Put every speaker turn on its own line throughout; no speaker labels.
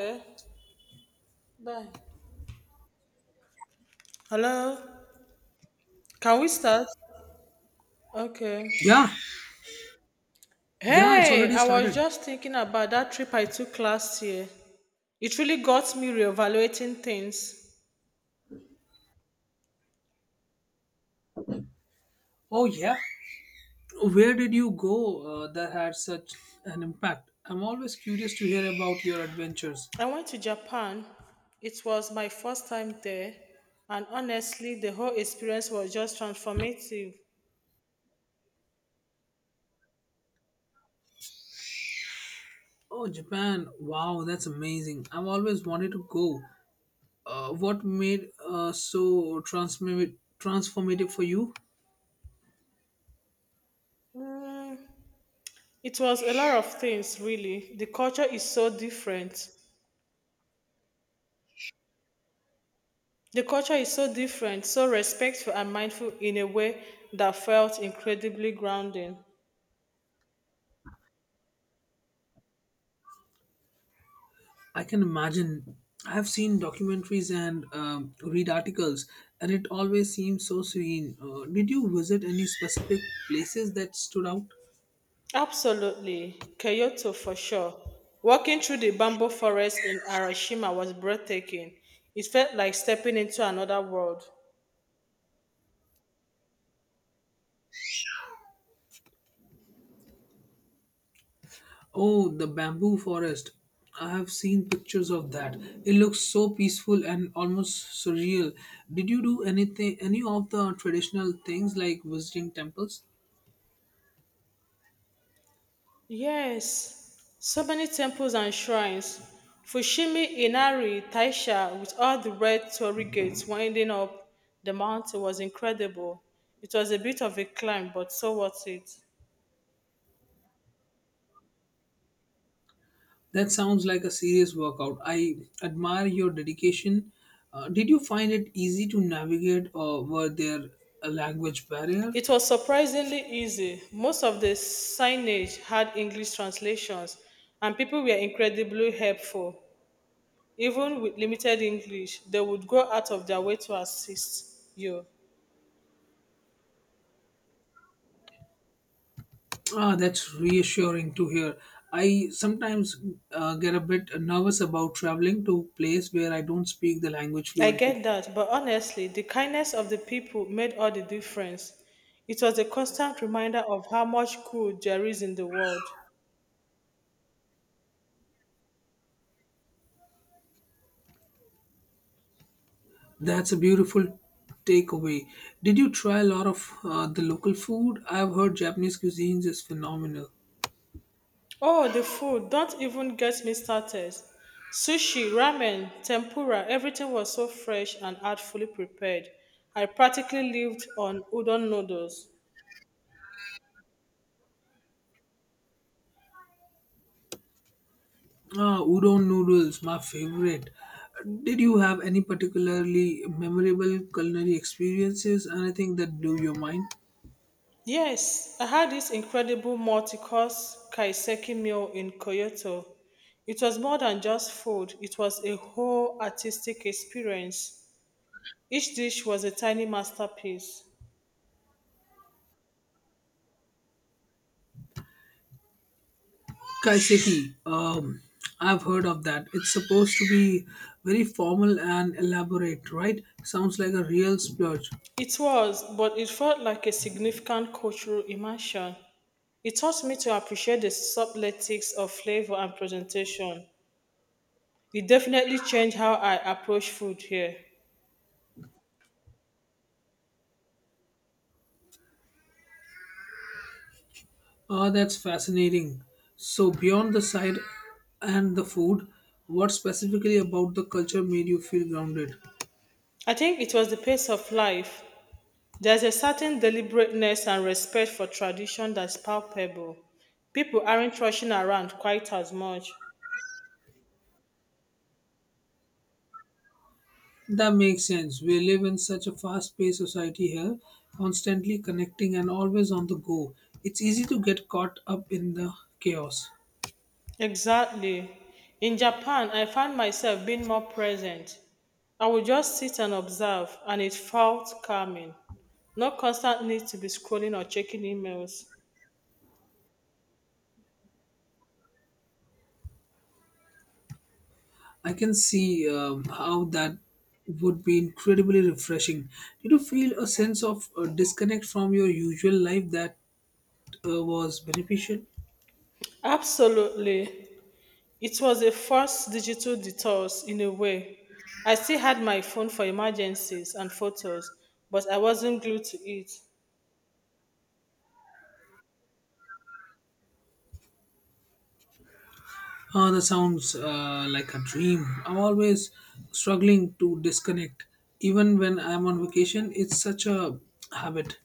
Okay, bye. Hello, can we start? Okay.
Yeah, yeah, it's
Hey,
already
I was
started.
just thinking about that trip I took last year. It really got me reevaluating things.
Oh, yeah. Where did you go that had such an impact? I'm always curious to hear about your adventures.
I went to Japan. It was my first time there, and honestly, the whole experience was just transformative.
Oh, Japan. Wow, that's amazing. I've always wanted to go. What made so transformative for you?
Mm, it was a lot of things, really. The culture is so different, so respectful and mindful in a way that felt incredibly grounding.
I can imagine. I've seen documentaries and read articles, and it always seems so serene. Did you visit any specific places that stood out?
Absolutely, Kyoto for sure. Walking through the bamboo forest in Arashima was breathtaking. It felt like stepping into another world.
Oh, the bamboo forest. I have seen pictures of that. It looks so peaceful and almost surreal. Did you do any of the traditional things like visiting temples?
Yes, so many temples and shrines. Fushimi Inari Taisha, with all the red torii gates winding up the mountain, was incredible. It was a bit of a climb, but so worth it.
That sounds like a serious workout. I admire your dedication. Did you find it easy to navigate or were there a language barrier?
It was surprisingly easy. Most of the signage had English translations, and people were incredibly helpful. Even with limited English, they would go out of their way to assist you.
Ah, that's reassuring to hear. I sometimes get a bit nervous about traveling to place where I don't speak the language
I
fluently.
get that, but honestly, the kindness of the people made all the difference. It was a constant reminder of how much good there is in the world.
That's a beautiful takeaway. Did you try a lot of the local food? I've heard Japanese cuisines is phenomenal.
Oh, the food. Don't even get me started. Sushi, ramen, tempura, everything was so fresh and artfully prepared. I practically lived on udon noodles.
Ah, udon noodles, my favorite. Did you have any particularly memorable culinary experiences? Anything that blew your mind?
Yes, I had this incredible multi-course kaiseki meal in Kyoto. It was more than just food, it was a whole artistic experience. Each dish was a tiny masterpiece.
Kaiseki. I've heard of that. It's supposed to be very formal and elaborate, right? Sounds like a real splurge.
It was, but it felt like a significant cultural immersion. It taught me to appreciate the subtleties of flavor and presentation. It definitely changed how I approach food here.
Ah, that's fascinating. So, beyond the side and the food, what specifically about the culture made you feel grounded?
I think it was the pace of life. There's a certain deliberateness and respect for tradition that's palpable. People aren't rushing around quite as much.
That makes sense. We live in such a fast paced society here, constantly connecting and always on the go. It's easy to get caught up in the chaos.
Exactly. In Japan, I found myself being more present. I would just sit and observe, and it felt calming. No constant need to be scrolling or checking emails.
I can see how that would be incredibly refreshing. Did you feel a sense of disconnect from your usual life that was beneficial?
Absolutely. It was a first digital detox in a way. I still had my phone for emergencies and photos, but I wasn't glued to it.
That sounds like a dream. I'm always struggling to disconnect. Even when I'm on vacation, it's such a habit.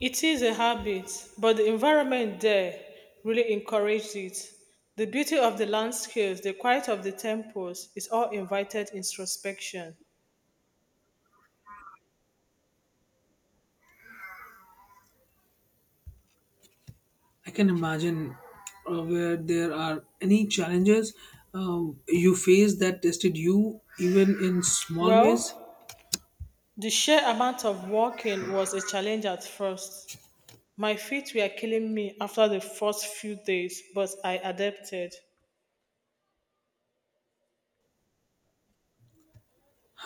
It is a habit, but the environment there really encouraged it. The beauty of the landscapes, the quiet of the temples is all invited introspection.
I can imagine where there are any challenges you face that tested you, even in small ways.
Well, the sheer amount of walking was a challenge at first. My feet were killing me after the first few days, but I adapted.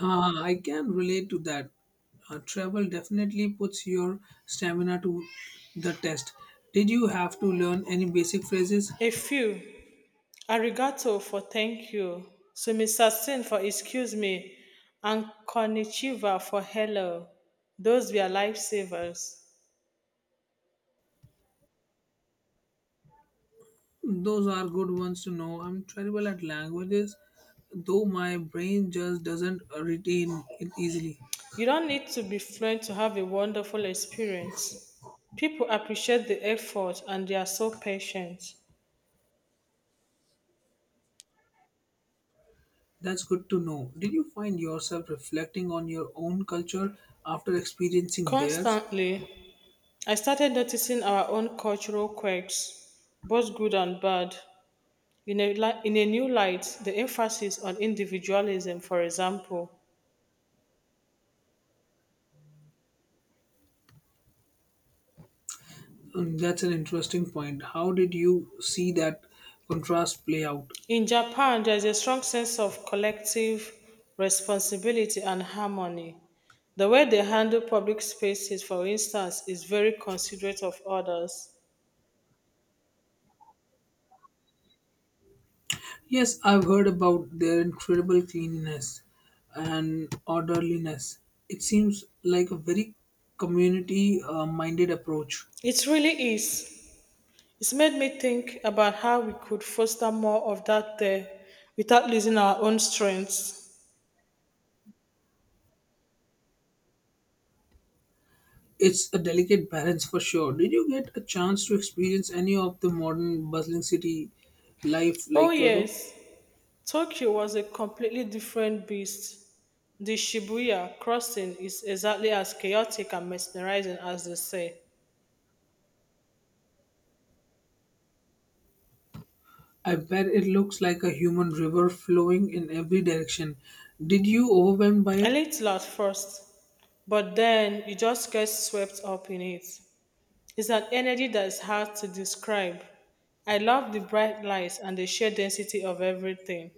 Ah, I can relate to that. Travel definitely puts your stamina to the test. Did you have to learn any basic phrases?
A few. Arigato for thank you. Sumisasen for excuse me. And konnichiwa for hello. Those were lifesavers.
Those are good ones to know. I'm terrible at languages, though my brain just doesn't retain it easily.
You don't need to be fluent to have a wonderful experience. People appreciate the effort and they are so patient.
That's good to know. Did you find yourself reflecting on your own culture after experiencing theirs?
Constantly, I started noticing our own cultural quirks, both good and bad. In a new light, the emphasis on individualism, for example.
That's an interesting point. How did you see that contrast play out?
In Japan, there is a strong sense of collective responsibility and harmony. The way they handle public spaces, for instance, is very considerate of others.
Yes, I've heard about their incredible cleanliness and orderliness. It seems like a very community minded approach.
It really is. It's made me think about how we could foster more of that there without losing our own strengths.
It's a delicate balance for sure. Did you get a chance to experience any of the modern bustling city life
Oh,
like Kyoto?
yes, Tokyo was a completely different beast. The Shibuya crossing is exactly as chaotic and mesmerizing as they say.
I bet it looks like a human river flowing in every direction. Did you overwhelmed by
I
it?
linked to at first, but then you just get swept up in it. It's an energy that is hard to describe. I love the bright lights and the sheer density of everything.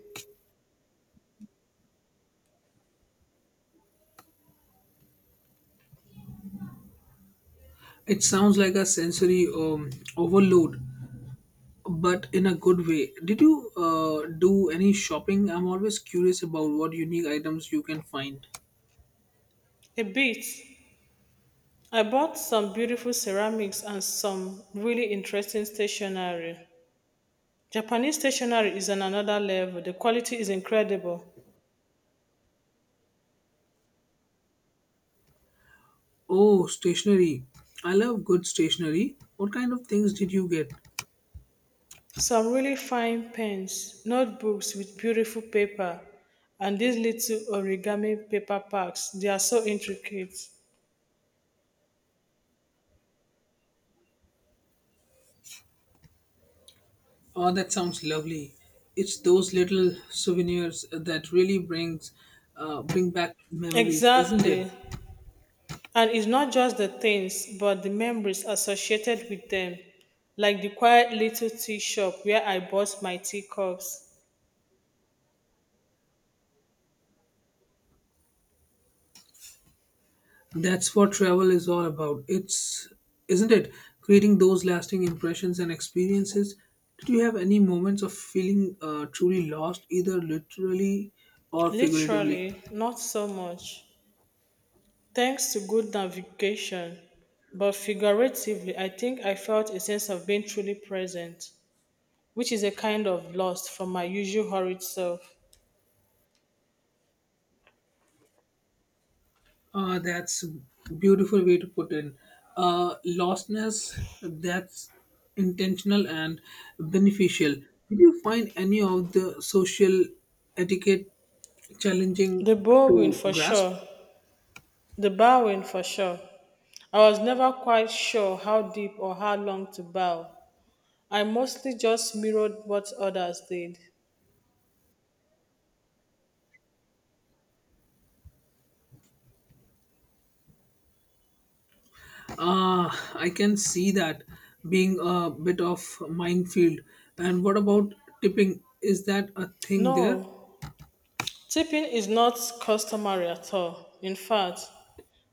It sounds like a sensory overload, but in a good way. Did you do any shopping? I'm always curious about what unique items you can find.
A bit. I bought some beautiful ceramics and some really interesting stationery. Japanese stationery is on another level. The quality is incredible.
Oh, stationery. I love good stationery. What kind of things did you get?
Some really fine pens, notebooks with beautiful paper, and these little origami paper packs, they are so intricate.
Oh, that sounds lovely. It's those little souvenirs that really bring back memories, isn't it?
Exactly. And it's not just the things, but the memories associated with them, like the quiet little tea shop where I bought my teacups.
That's what travel is all about. It's isn't it? Creating those lasting impressions and experiences. Did you have any moments of feeling truly lost, either literally or figuratively?
Literally, not so much. Thanks to good navigation, but figuratively, I think I felt a sense of being truly present, which is a kind of lost from my usual hurried self.
That's a beautiful way to put it. Lostness that's intentional and beneficial. Did you find any of the social etiquette challenging
The bowing
to
for
grasp?
sure. The bowing for sure. I was never quite sure how deep or how long to bow. I mostly just mirrored what others did.
I can see that being a bit of minefield. And what about tipping? Is that a thing there?
No, tipping is not customary at all. In fact,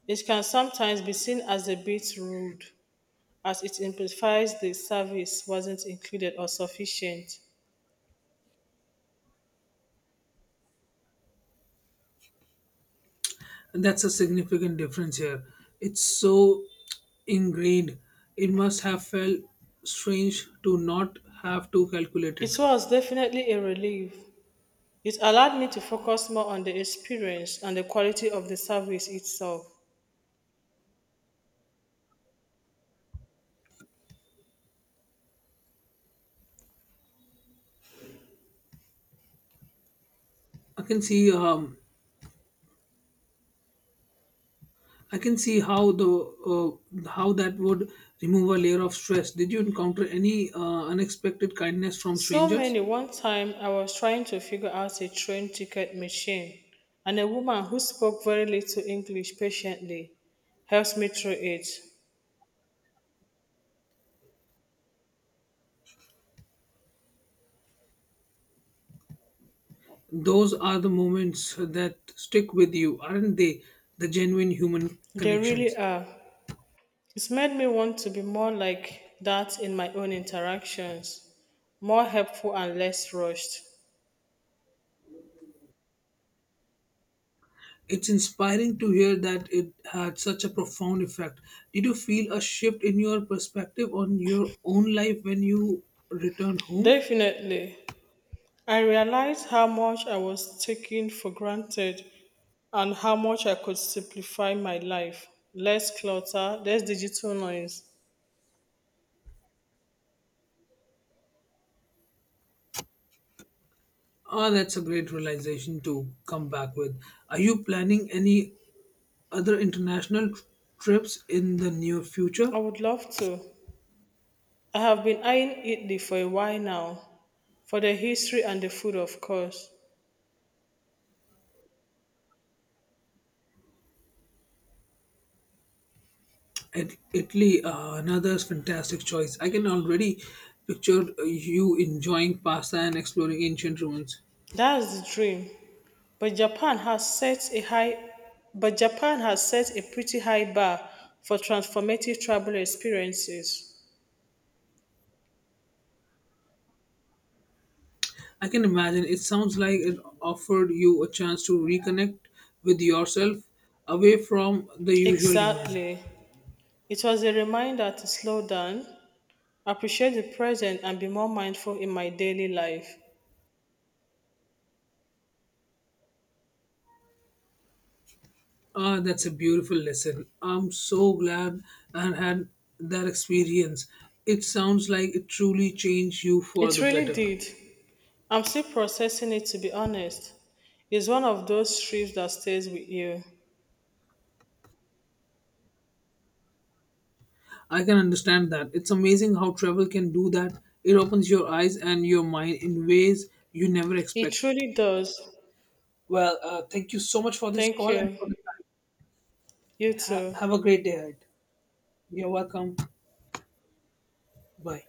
it can sometimes be seen as a bit rude, as it implies the service wasn't included or sufficient.
And that's a significant difference here. It's so ingrained. It must have felt strange to not have to calculate
It
it.
was definitely a relief. It allowed me to focus more on the experience and the quality of the service itself.
I can see um, I can see how the how that would remove a layer of stress. Did you encounter any unexpected kindness from
So
strangers?
many. One time I was trying to figure out a train ticket machine and a woman who spoke very little English patiently helps me through it.
Those are the moments that stick with you, aren't they? The genuine human
They really
connections.
are. It's made me want to be more like that in my own interactions, more helpful and less rushed.
It's inspiring to hear that it had such a profound effect. Did you feel a shift in your perspective on your own life when you returned home?
Definitely. I realized how much I was taking for granted and how much I could simplify my life. Less clutter, less digital noise.
Oh, that's a great realization to come back with. Are you planning any other international trips in the near future?
I would love to. I have been eyeing Italy for a while now, for the history and the food, of course.
Italy, another fantastic choice. I can already picture you enjoying pasta and exploring ancient ruins.
That's the dream. But Japan has set a high but Japan has set a pretty high bar for transformative travel experiences.
I can imagine it sounds like it offered you a chance to reconnect with yourself away from the usual demand.
Exactly. It was a reminder to slow down, appreciate the present and be more mindful in my daily life.
Ah, that's a beautiful lesson. I'm so glad I had that experience. It sounds like it truly changed you for
It
the
really
better.
did. I'm still processing it to be honest. It's one of those trips that stays with you.
I can understand that. It's amazing how travel can do that. It opens your eyes and your mind in ways you never
It
expect.
truly does.
Well, thank you so much for this
Thank
call and
you.
for the time.
You too.
Have a great day ahead. You're welcome. Bye.